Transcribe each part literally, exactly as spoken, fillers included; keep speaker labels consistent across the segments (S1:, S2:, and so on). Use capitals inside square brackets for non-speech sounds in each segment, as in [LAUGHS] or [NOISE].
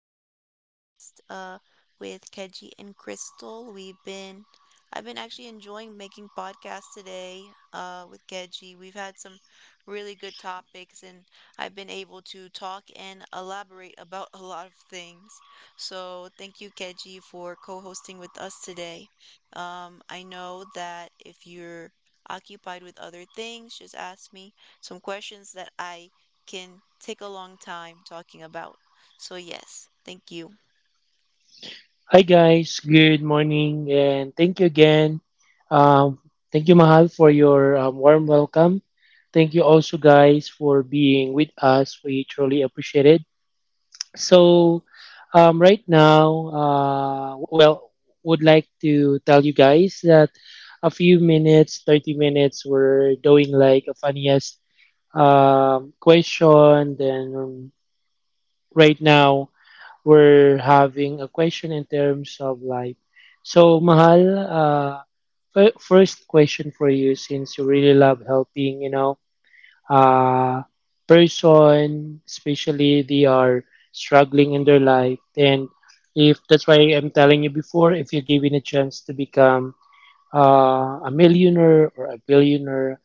S1: podcast uh with Keji and Crystal. We've been I've been actually enjoying making podcasts today uh with Keji. We've had some really good topics and I've been able to talk and elaborate about a lot of things. So, thank you Keji for co-hosting with us today. Um I know that if you're occupied with other things, just ask me some questions that I can take a long time talking about. So yes, thank you.
S2: Hi guys, good morning, and thank you again. Um, Thank you, Mahal, for your um, warm welcome. Thank you also, guys, for being with us. We truly appreciate it. So, um, right now, uh, well, would like to tell you guys that a few minutes, thirty minutes, we're doing like a funniest um, question. Then um, right now. We're having a question in terms of life. So, Mahal, uh, fir- first question for you since you really love helping, you know, uh, person, especially they are struggling in their life. And if that's why I'm telling you before, if you're given a chance to become uh, a millionaire or a billionaire,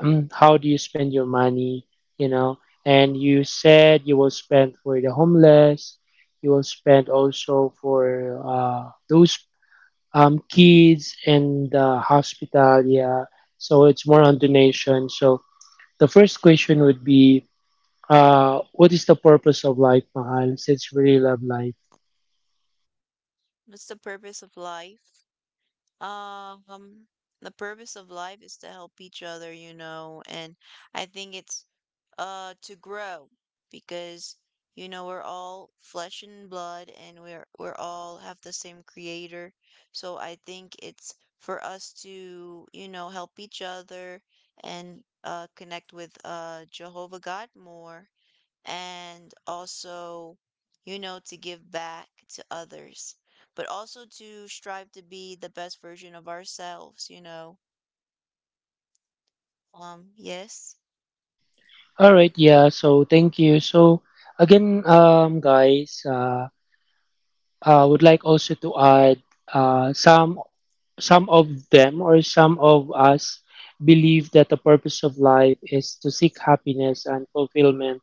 S2: um, how do you spend your money, you know? And you said you will spend for the homeless, you will spend also for uh, those um, kids in the hospital, yeah. So it's more on donation. So the first question would be, uh, what is the purpose of life, Mahal? Since we really love life.
S1: What's the purpose of life? Um, the purpose of life is to help each other, you know, and I think it's uh to grow because you know we're all flesh and blood and we're we're all have the same creator. So I think it's for us to, you know, help each other and uh connect with uh Jehovah God more and also, you know, to give back to others, but also to strive to be the best version of ourselves, you know. Um, yes.
S2: All right, yeah. So thank you. So again, um, guys. Uh, uh, would like also to add uh, some some of them or some of us believe that the purpose of life is to seek happiness and fulfillment,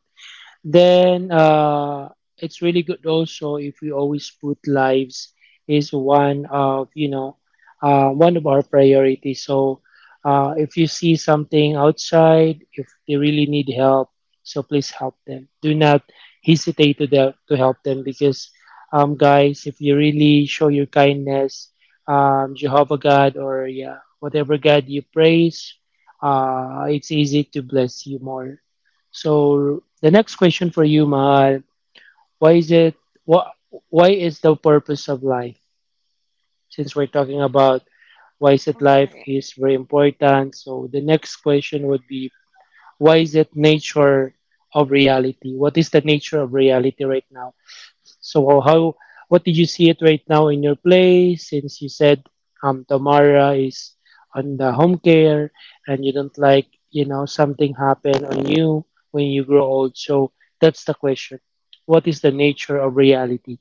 S2: then uh, it's really good also if we always put lives is one of, you know, uh, one of our priorities. So uh, if you see something outside, if they really need help, so please help them. Do not hesitate to the, to help them because um, guys, if you really show your kindness, um, Jehovah God, or yeah, whatever God you praise, uh, it's easy to bless you more. So the next question for you, Mahal, why is it what why is the purpose of life? Since we're talking about why is it life is very important. So the next question would be, why is it nature of reality? What is the nature of reality right now? So how what did you see it right now in your play since you said um Tamara is on the home care and you don't like, you know, something happen on you when you grow old. So that's the question. What is the nature of reality?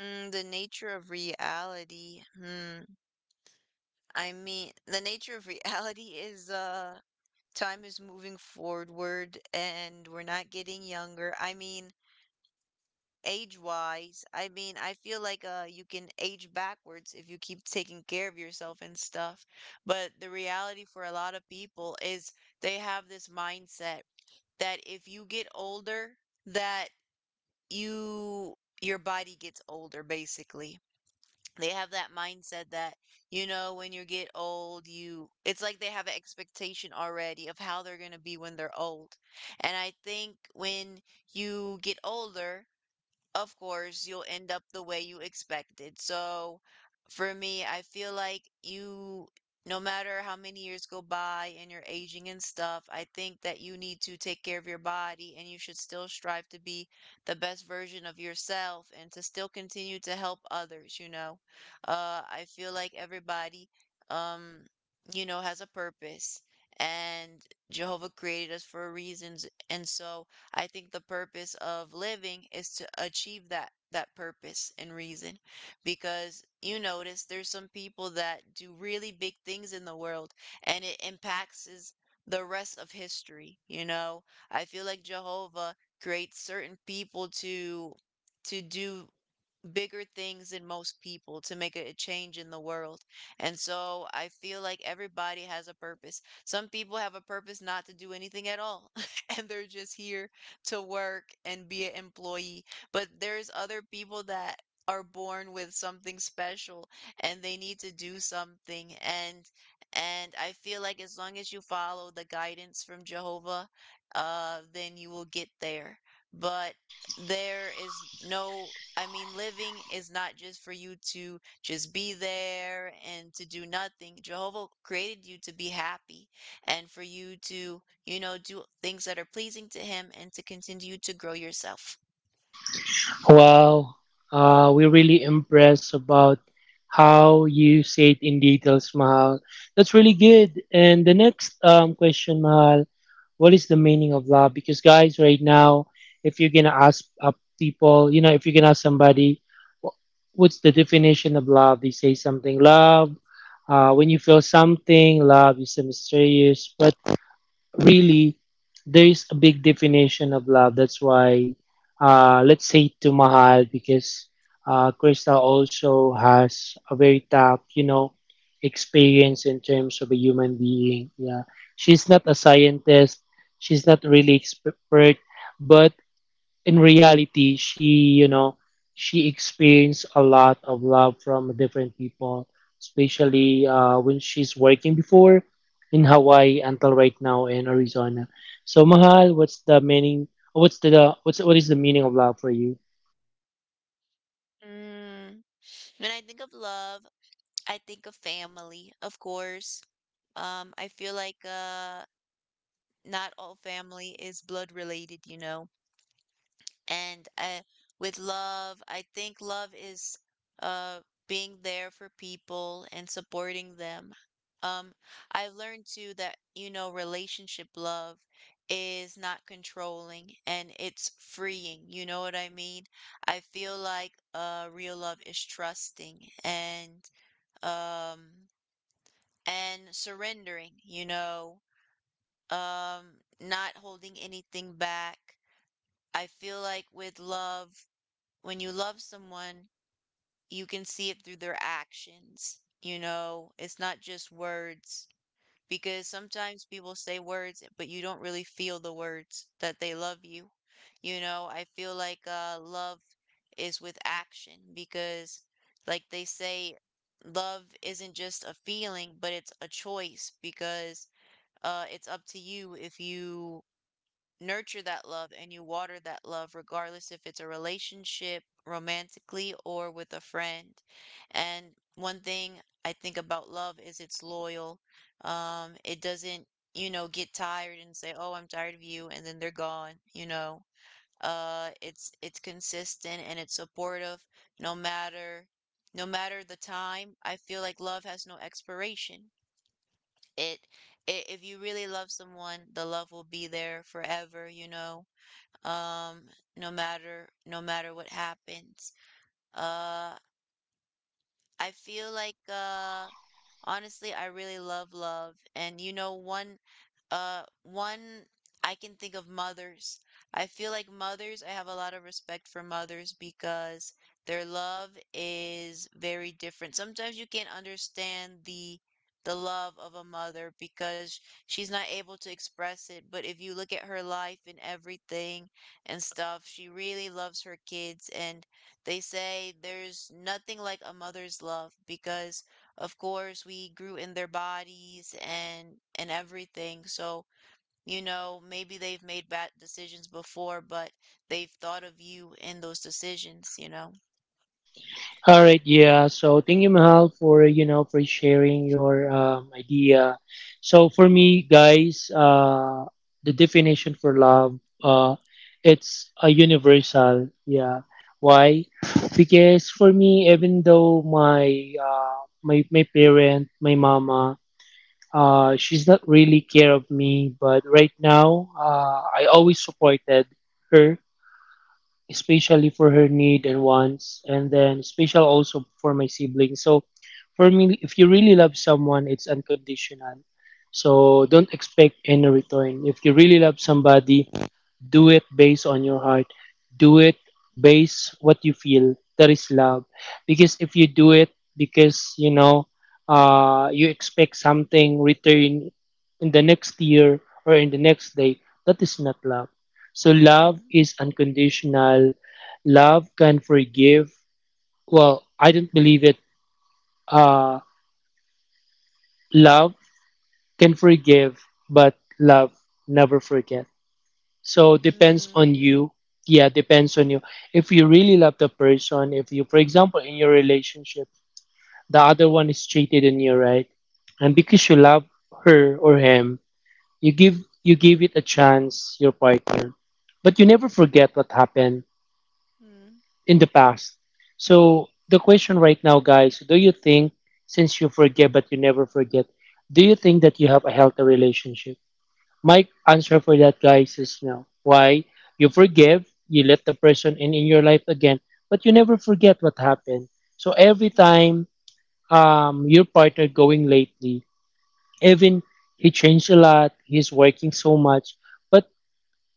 S1: Mm, the nature of reality. Hmm. I mean, the nature of [LAUGHS] reality is uh time is moving forward and we're not getting younger. I mean, age wise. I mean, I feel like uh you can age backwards if you keep taking care of yourself and stuff. But the reality for a lot of people is they have this mindset that if you get older, that you your body gets older basically. They have that mindset that you know when you get old, you it's like they have an expectation already of how they're going to be when they're old. And I think when you get older, of course, you'll end up the way you expected. So for me, I feel like you, no matter how many years go by and you're aging and stuff, I think that you need to take care of your body and you should still strive to be the best version of yourself and to still continue to help others, you know. Uh, I feel like everybody, um, you know, has a purpose and Jehovah created us for a reasons. And so I think the purpose of living is to achieve that that purpose and reason because you notice there's some people that do really big things in the world and it impacts is the rest of history, you know. I feel like Jehovah creates certain people to to do bigger things than most people to make a change in the world. And so I feel like everybody has a purpose. Some people have a purpose not to do anything at all, [LAUGHS] and they're just here to work and be an employee. But there's other people that are born with something special and they need to do something, and and I feel like as long as you follow the guidance from Jehovah, uh then you will get there. But there is no, I mean, living is not just for you to just be there and to do nothing. Jehovah created you to be happy and for you to, you know, do things that are pleasing to Him and to continue to grow yourself.
S2: Wow. Uh, we're really impressed about how you say it in details, Mahal. That's really good. And the next um, question, Mahal, what is the meaning of love, because guys right now, if you're gonna ask uh, people, you know, if you're gonna ask somebody wh- what's the definition of love, they say something love, uh, when you feel something. Love is a mysterious presence, really. There's a big definition of love. That's why uh, let's say to Mahal because uh, Crystal also has a very tough, you know, experience in terms of a human being. Yeah, she's not a scientist. She's not really expert, but in reality, she, you know, she experienced a lot of love from different people, especially uh, when she's working before in Hawaii until right now in Arizona. So, Mahal, what's the meaning? What's the what's what is the meaning of love for you?
S1: Mm. When I think of love, I think of family, of course. Um, I feel like uh, not all family is blood related, you know. And uh, with love, I think love is uh, being there for people and supporting them. Um, I've learned too that, you know, relationship love is not controlling and it's freeing. You know what I mean? I feel like uh, real love is trusting and um, and surrendering, you know, um, not holding anything back. I feel like with love, when you love someone, you can see it through their actions. You know, it's not just words because sometimes people say words, but you don't really feel the words that they love you. You know, I feel like uh, love is with action because, like they say, love isn't just a feeling, but it's a choice because uh, it's up to you if you nurture that love and you water that love, regardless if it's a relationship, romantically, or with a friend. And one thing I think about love is it's loyal. Um, it doesn't, you know, get tired and say, "Oh, I'm tired of you," and then they're gone, you know. Uh, it's it's consistent and it's supportive no matter no matter the time. I feel like love has no expiration. It, it if you really love someone, the love will be there forever, you know, um no matter no matter what happens. uh I feel like uh honestly I really love love. And you know, one uh one I can think of, mothers. I feel like mothers, I have a lot of respect for mothers because their love is very different. Sometimes you can't understand the the love of a mother because she's not able to express it, but if you look at her life and everything and stuff, she really loves her kids, and they say there's nothing like a mother's love because of course we grew in their bodies, and and everything. So, you know, maybe they've made bad decisions before, but they've thought of you in those decisions, you know.
S2: All right, yeah. So thank you, Mahal, for, you know, for sharing your um, idea. So for me, guys, uh, the definition for love, uh, it's a universal. Yeah. Why? Because for me, even though my uh, my my parent, my mama, uh, she's not really care of me, but right now, uh, I always supported her, especially for her need and wants, and then special also for my siblings. So for me, if you really love someone, it's unconditional. So don't expect any return. If you really love somebody, do it based on your heart. Do it based what you feel. That is love. Because if you do it because, you know, uh, you expect something return in the next year or in the next day, that is not love. So love
S1: Mm,
S2: is unconditional. Love can forgive. Well, I don't believe it. Uh, love can forgive, but love never forget. So depends on
S1: mm,
S2: you. Yeah, depends on you. If you really love the person, if you, for example, in your relationship, the other one is cheated on you, right? And because you love her or him, you give you give it a chance, your partner. But you never forget what happened
S1: mm,
S2: in the past. So the question right now, guys, do you think, since you forget but you never forget, do you think that you have a healthy relationship? My answer for that, guys, is no. Why? You forgive, you let the person in in your life again, but you never forget what happened. So every
S1: mm,
S2: time um, your partner going lately, even he changed a lot, he's working so much, but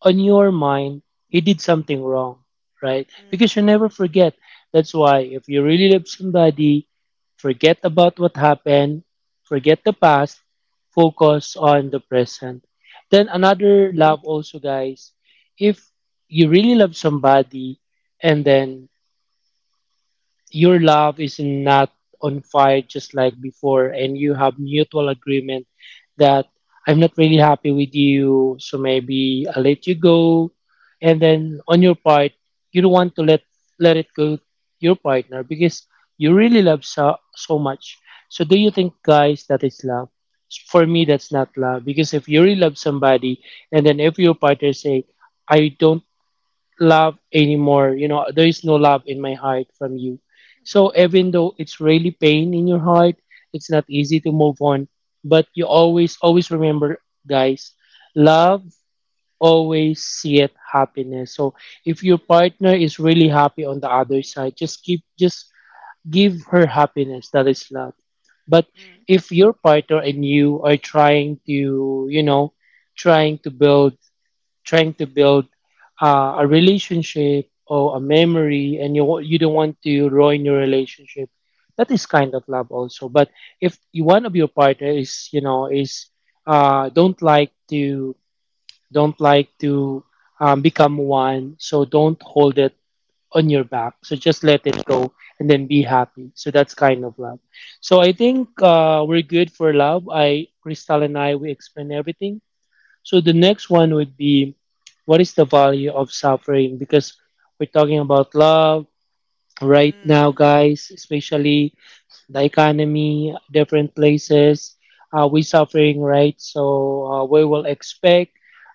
S2: on your mind he did something wrong, right? Because
S1: mm,
S2: you never forget. That's why if you really love somebody, forget about what happened, forget the past, focus on the present. Then
S1: mm, mm,
S2: another love also, guys, if you really love somebody and then your love is not on fire just like before, and you have mutual agreement that I'm not really happy with you, so maybe I'll let you go, and then on your part you don't want to let let it go to your partner because you really love so, so much. So do you think, guys, that is love? For me, that's not love, because if you really love somebody and then if your partner say I don't love anymore. You know, there is no love in my heart from you. So even though it's really pain in your heart, it's not easy to move on. But you always, always remember, guys, love always seeth happiness. So if your
S1: mm,
S2: partner is really happy on the other side, just keep, just give her happiness. That is love. But
S1: mm,
S2: if your partner and you are trying to, you know, trying to build trying to build uh, a relationship or a memory, and you wa- you don't want to ruin your relationship, that is kind of love also. But if you, one of your partner is, you know, is uh, don't like to don't like to um, become one, so don't hold it on your back, so just let it go and then be happy. So that's kind of love. So I think,
S1: mm,
S2: uh, we're good for love. I, Crystal, and I, we explain everything. So the next one would be, what is the value of suffering? Because we're talking about love right now,
S1: mm.
S2: guys, especially the economy, different places. Uh, we suffering, right? So uh, we will expect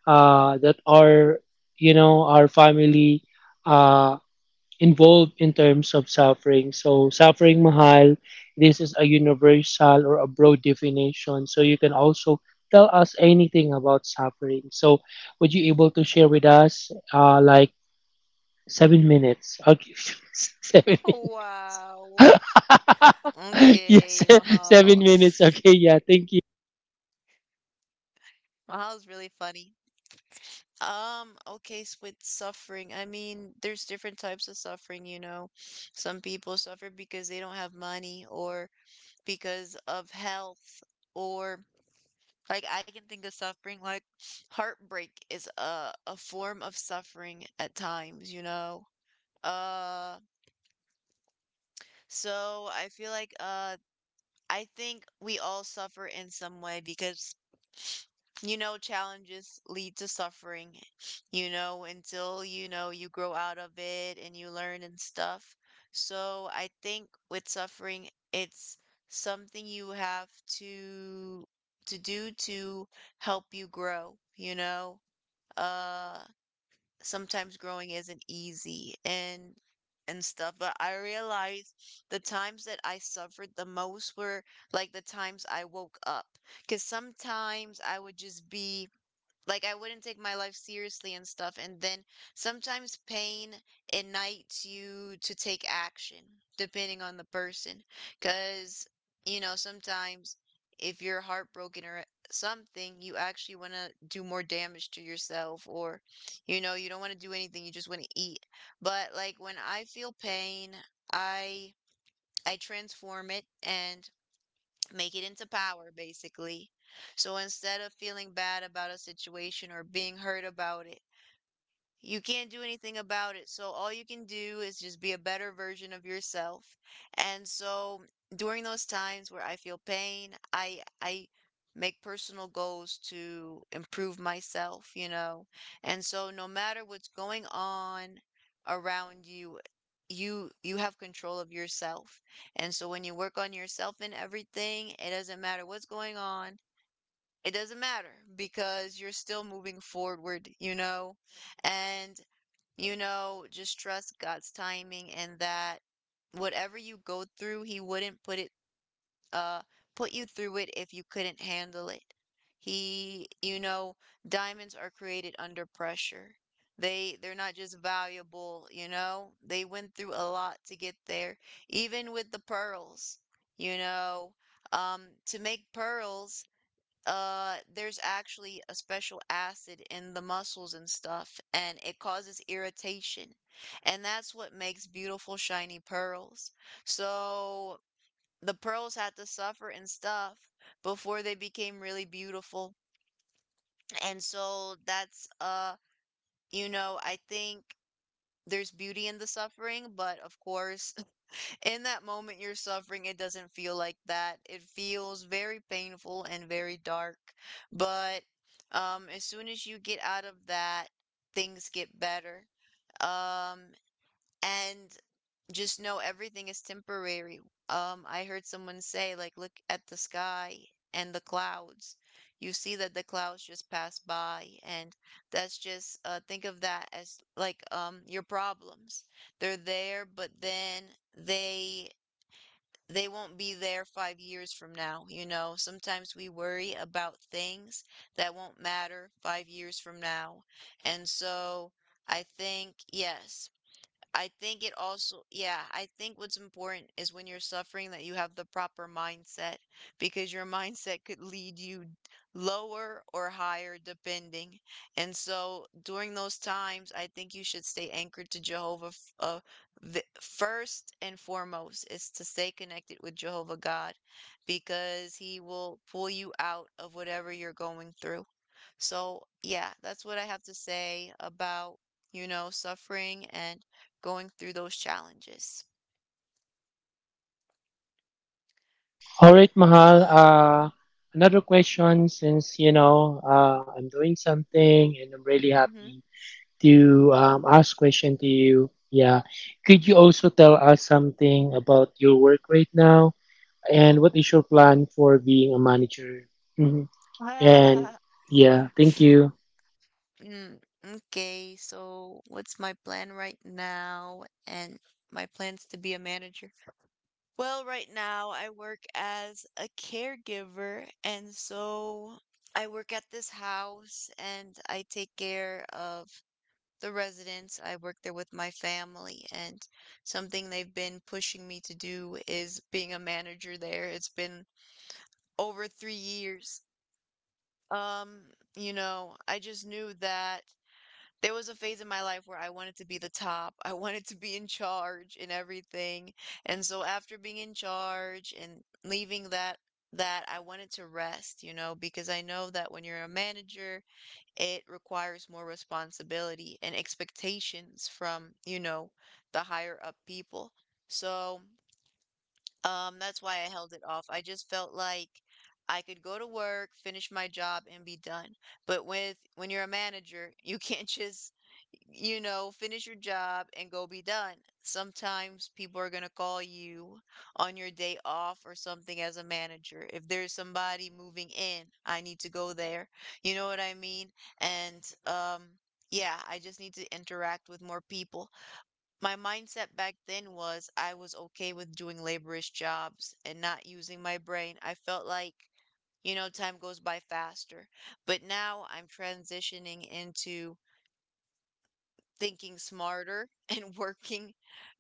S2: uh, that our, you know, our family, uh, involved in terms of suffering. So, suffering Mahal, this is a universal or a broad definition. So, you can also tell us anything about suffering. So, would you able to share with us, uh, like seven minutes? I'll give you [LAUGHS] seven minutes.
S1: Wow.
S2: [LAUGHS] Yes,
S1: Okay,
S2: [LAUGHS] seven
S1: Mahal.
S2: minutes. Okay, yeah, thank you.
S1: Mahal's really funny. Um, okay, s- with suffering, I mean, there's different types of suffering, you know. Some people suffer because they don't have money or because of health, or like I can think of suffering like heartbreak is a a form of suffering at times, you know. Uh, so I feel like uh I think we all suffer in some way because you know challenges lead to suffering, you know, until you know you grow out of it and you learn and stuff. So I think with suffering, it's something you have to to do to help you grow, you know. Uh sometimes growing isn't easy, and and stuff, but I realized the times that I suffered the most were like the times I woke up because sometimes I would just be like I wouldn't take my life seriously and stuff. And then sometimes pain ignites you to take action, depending on the person. Because, you know, sometimes if you're heartbroken or something, you actually want to do more damage to yourself, or, you know, you don't want to do anything, you just want to eat. But, like, when I feel pain, I. I transform it and make it into power basically. So instead of feeling bad about a situation or being hurt about it, you can't do anything about it. So all you can do is just be a better version of yourself. And so during those times where I feel pain, I I make personal goals to improve myself, you know. And so no matter what's going on around you, you you have control of yourself. And so when you work on yourself and everything, it doesn't matter what's going on. It doesn't matter because you're still moving forward, you know. And you know, just trust God's timing and that whatever you go through, he wouldn't put it uh put you through it if you couldn't handle it. He, you know, diamonds are created under pressure. They they're not just valuable, you know. They went through a lot to get there, even with the pearls, you know. Um, to make pearls, uh, there's actually a special acid in the muscles and stuff, and it causes irritation. And that's what makes beautiful, shiny pearls. So the pearls had to suffer and stuff before they became really beautiful. And so that's, uh, you know, I think there's beauty in the suffering, but of course, in that moment you're suffering, it doesn't feel like that. It feels very painful and very dark. But um, as soon as you get out of that, things get better. Um, and just know everything is temporary. Um, I heard someone say, like, look at the sky and the clouds. You see that the clouds just pass by, and that's just uh, think of that as like um your problems, they're there, but then they they won't be there five years from now. You know, sometimes we worry about things that won't matter five years from now. And so I think, yes, I think it also, yeah, I think what's important is when you're suffering that you have the proper mindset because your [LAUGHS] mindset could lead you lower or higher depending. And so during those times, I think you should stay anchored to Jehovah. f- Uh, the, first and foremost is to stay connected with Jehovah God because he will pull you out of whatever you're going through. So, yeah, that's what I have to say about, you know, suffering and going through those challenges.
S2: All right, Mahal.
S1: Uh,
S2: Uh, another question since, you know, uh, I'm doing something and I'm really
S1: mm-hmm.
S2: happy to, um, ask question to you. Yeah. Could you also tell us something about your work right now and what is your plan for being a manager? Hmm. And
S1: [LAUGHS]
S2: yeah, thank you.
S1: Mm, okay, so what's my plan right now? And my plans to be a manager? Well, right now I work as a caregiver, and so I work at this house and I take care of the residents. I work there with my family, and something they've been pushing me to do is being a manager there. It's been over three years. Um, you know, I just knew that there was a phase in my life where I wanted to be the top. [LAUGHS] I wanted to be in charge in everything. And so after being in charge and leaving that that I wanted to rest, you know, because I know that when you're a manager, it requires more responsibility and expectations from, you know, the higher up people. So um, that's why I held it off. I just felt like I could go to work, finish my job, and be done. But with when you're a manager, you can't [LAUGHS] just, you know, finish your job and go be done. Sometimes people are gonna call you on your day off or something as a manager. If there's somebody moving in, I need to go there. You know what I mean? And um, Yeah, I just need to interact with more people. My mindset back then was I was okay with doing laborious jobs and not using my brain. I felt like, you know, time goes by faster. But now I'm transitioning into thinking smarter [LAUGHS] and working,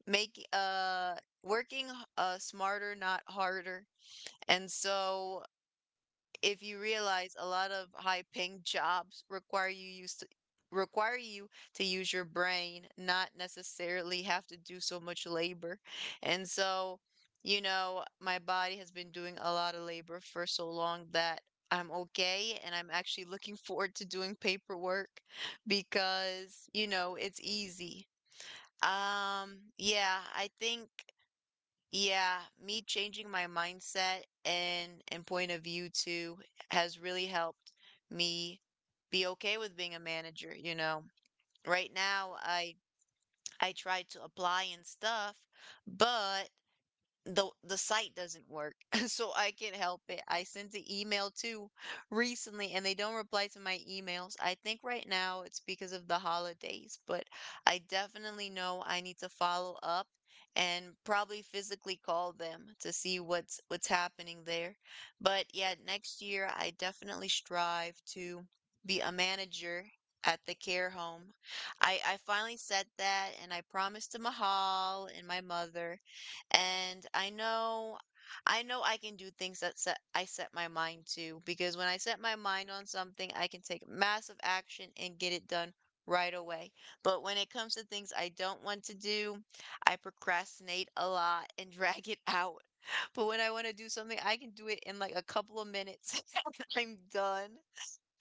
S1: make uh working uh smarter, not harder. And so if you realize a lot of high paying jobs require you use to require you to use your brain, not necessarily have to do so much labor. And so, you know, my body has been doing a lot of labor for so long that I'm okay and I'm actually looking [LAUGHS] forward to doing paperwork because, you know, it's easy. Um, yeah, I think Yeah, me changing my mindset and and point of view too has really helped me be okay with being a manager, you know. Right now I I try to apply and stuff, but the the site doesn't work, [LAUGHS] so I can't help it. I sent an email too recently and they don't reply to my emails. I think right now it's because of the holidays, but I definitely know I need to follow up and probably physically call them to see what's what's happening there. But yeah, next year I definitely strive to be a manager at the care home. I i finally said that and I promised to Mahal and my mother, and I know I know I can do things that set I set my mind to, because when I set my mind on something, I can take massive action and get it done right away. But when it comes to things I don't want to do, I procrastinate a lot and [LAUGHS] drag it out. [LAUGHS] But when I want to do something, I can do it in like a couple of minutes [LAUGHS] and I'm done.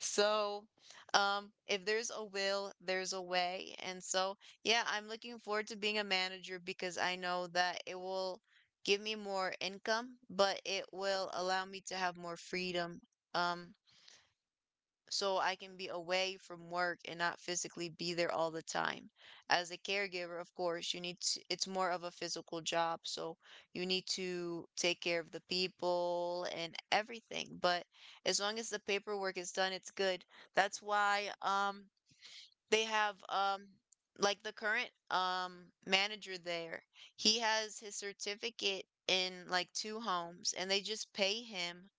S1: So, um, if there's a will, there's a way. And so, yeah, I'm looking forward to being a manager because I know that it will give me more income, but it will allow me to have more freedom. Um, so I can be away from work and not physically be there all the time. As a caregiver, of course, you need to, it's more of a physical job, so you need to take care of the people and everything. But as long as the paperwork is done, it's good. That's why um they have um like the current um manager there, he has his certificate in like two homes and they just pay him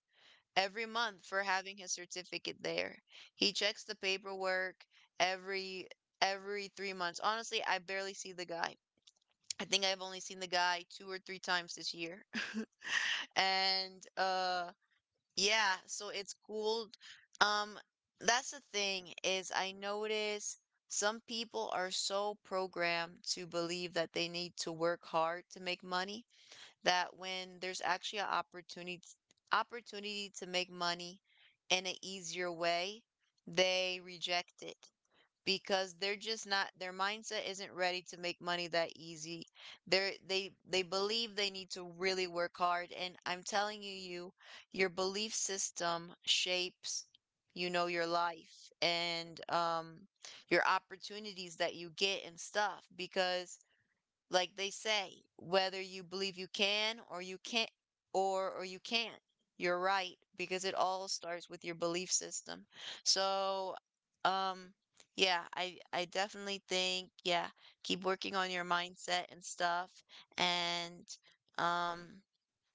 S1: every month for having his certificate there. He checks the paperwork every every three months. Honestly, I barely see the guy. I think I've only seen the guy two or three times this year. [LAUGHS] And uh Yeah, so it's cool. Um that's the thing, is I notice some people are so programmed to believe that they need to work hard to make money that when there's actually an opportunity opportunity to make money in an easier way, they reject it because they're just not their mindset isn't ready to make money that easy. They're they they believe they need to really work hard, and I'm telling you, you your belief system shapes, you know, your life, and um your opportunities that you get and stuff, because like they say, whether you believe you can or you can't, or or you can't, you're right, because it all starts with your belief system. So, um, yeah, I I definitely think yeah, keep working on your mindset and stuff, and um,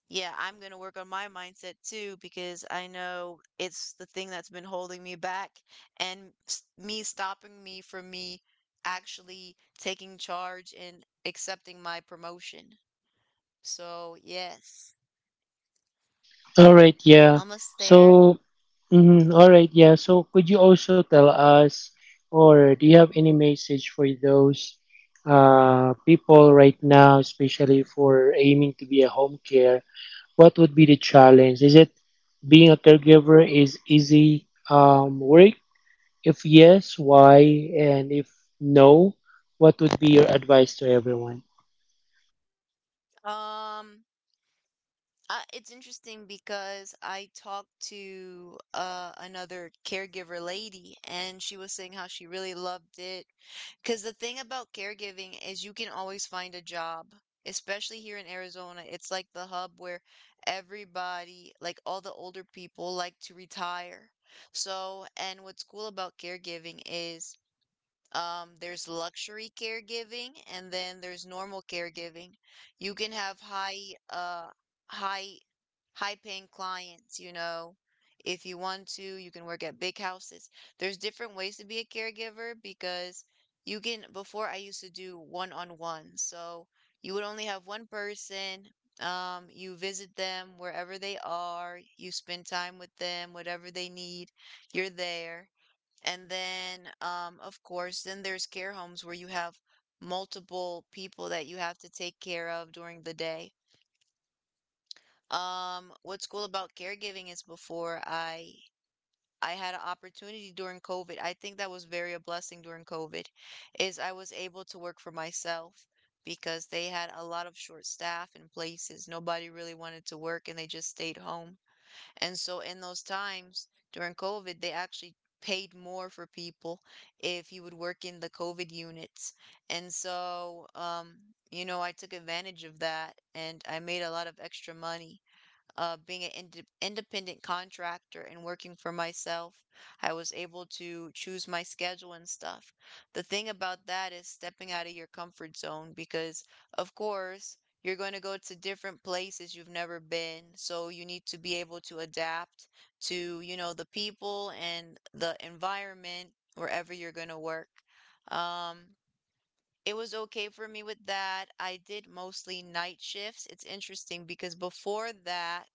S1: yeah, I'm going to work on my mindset too because I know it's the thing that's been holding me back and s- me stopping me from me actually taking charge and accepting my promotion. So, yes,
S2: All right, yeah.
S1: almost there.
S2: So, mhm, all right, yeah. So, could you also tell us, or do you have any message for those uh, people right now, especially for aiming to be a home care? What would be the challenge? Is it being a caregiver is easy um, work? If yes, why? And if no, what would be your advice to everyone?
S1: Um, Uh, it's interesting because I talked to uh, another caregiver lady, and she was saying how she really loved it. Because the thing about caregiving is you can always find a job, especially here in Arizona. It's like the hub where everybody, like all the older people, like to retire. So, and what's cool about caregiving is, um, there's luxury caregiving and then there's normal caregiving. You can have high uh high high paying clients, you know. If you want to, you can work at big houses. There's different ways to be a caregiver because you can, before I used to do one-on-one. So you would only have one person. Um, you visit them wherever they are, you spend time with them, whatever they need, you're there. And then, um, of course, then there's care homes where you have multiple people that you have to take care of during the day. Um, what's cool about caregiving is before I I had an opportunity during COVID. I think that was very a blessing during COVID, is I was able to work for myself because they had a lot of short staff in places. Nobody really wanted to work and they just stayed home. And so in those times during COVID, they actually paid more for people if you would work in the COVID units. And so, um, you know, I took advantage of that and I made a lot of extra money uh, being an inde independent contractor, and working for myself, I was able to choose my schedule and stuff. The thing about that is stepping out of your comfort zone because, of course, you're going to go to different places you've never been. So you need to be able to adapt to, you know, the people and the environment wherever you're going to work. Um, it was okay for me with that. I did mostly night shifts. It's interesting because before that,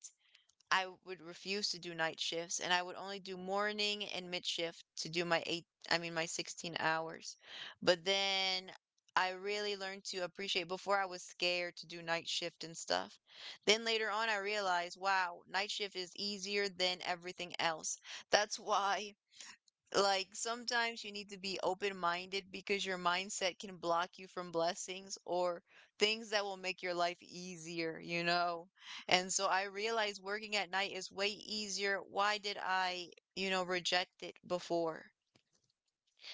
S1: I would refuse to do night shifts and I would only do morning and mid shift to do my eight, I mean, my sixteen hours. But then I really learned to appreciate, before I was scared to do night shift and stuff. Then later on, I realized, wow, night shift is easier than everything else. That's why like sometimes you need to be open-minded because your mindset can block you from blessings or things that will make your life easier, you know? And so I realized working at night is way easier. Why did I, you know, reject it before?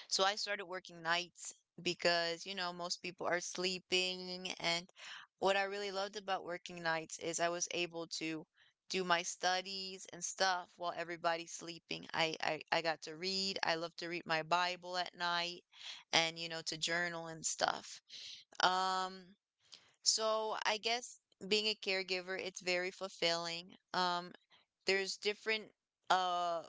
S1: So I started working nights because, you know, most people are sleeping. And what I really loved about working nights is I was able to do my studies and stuff while everybody's sleeping. I, I, I got to read. I love to read my Bible at night and, you know, to journal and stuff. Um, so I guess being a caregiver, it's very fulfilling. Um, there's different uh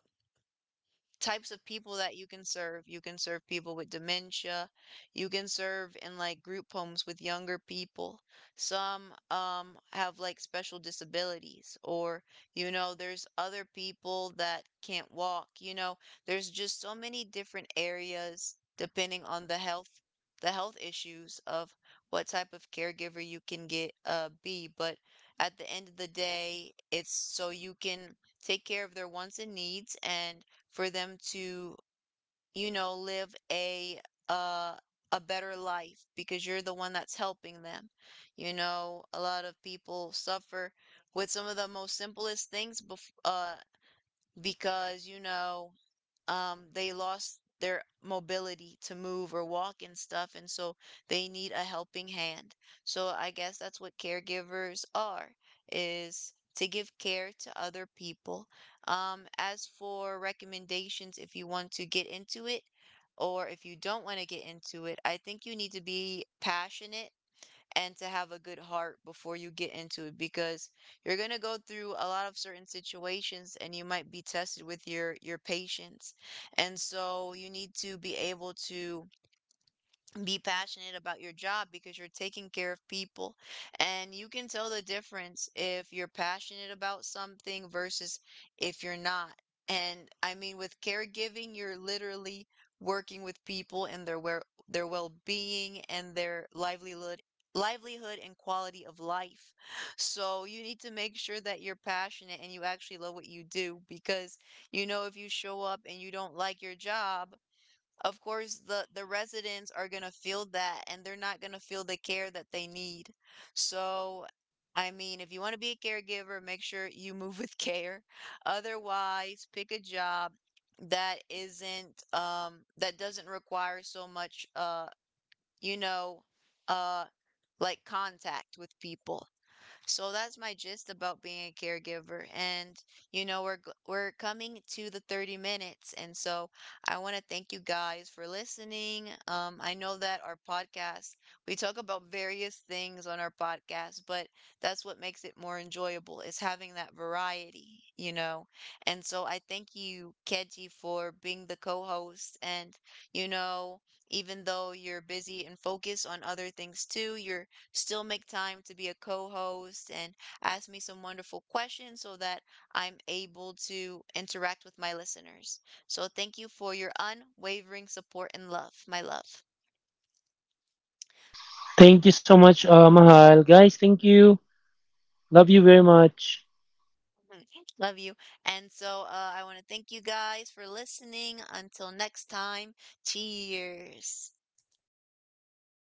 S1: types of people that you can serve. You can serve people with dementia. You can serve in like group homes with younger people. Some um have like special disabilities, or you know, there's other people that can't walk. You know, there's just so many different areas depending on the health the health issues of what type of caregiver you can get uh be, but at the end of the day, it's so you can take care of their wants and needs and for them to, you know, live a uh a better life because you're the one that's helping them. You know, a lot of people suffer with some of the most simplest things bef- uh because you know, um, they lost their mobility to move or walk and stuff, and so they need a helping hand. So I guess that's what caregivers are, is to give care to other people. Um, as for recommendations, if you want to get into it, or if you don't want to get into it, I think you need to be passionate and to have a good heart before you get into it because you're going to go through a lot of certain situations and you might be tested with your your patience. And so you need to be able to be passionate about your job because you're taking care of people, and you can tell the difference if you're passionate about something versus if you're not. And I mean, with caregiving you're literally working with people and their well their well-being, and their livelihood livelihood and quality of life. So you need to make sure that you're passionate and you actually love what you do, because you know if you show up and you don't like your job, of course the the residents are going to feel that and they're not going to feel the care that they need. So, I mean, if you want to be a caregiver, make sure you move with [LAUGHS] care. Otherwise, pick a job that isn't um that doesn't require so much uh you know, uh like contact with people. So that's my gist about being a caregiver. And you know, we're g- we're coming to the thirty minutes. And so I want to thank you guys for listening. Um, I know that our podcast, we talk about various things on our podcast, but that's what makes it more enjoyable is having that variety, you know. And so I thank you, Keji, for being the co-host, and you know, even though you're busy and focused on other things too, you're still make time to be a co-host and ask me some wonderful questions so that I'm able to interact with my listeners. So thank you for your unwavering support and love, my love.
S2: Thank you so much, uh, Mahal. Guys, thank you. Love you very much.
S1: [LAUGHS] Love you. And so uh, I want to thank you guys for listening. Until next time, cheers.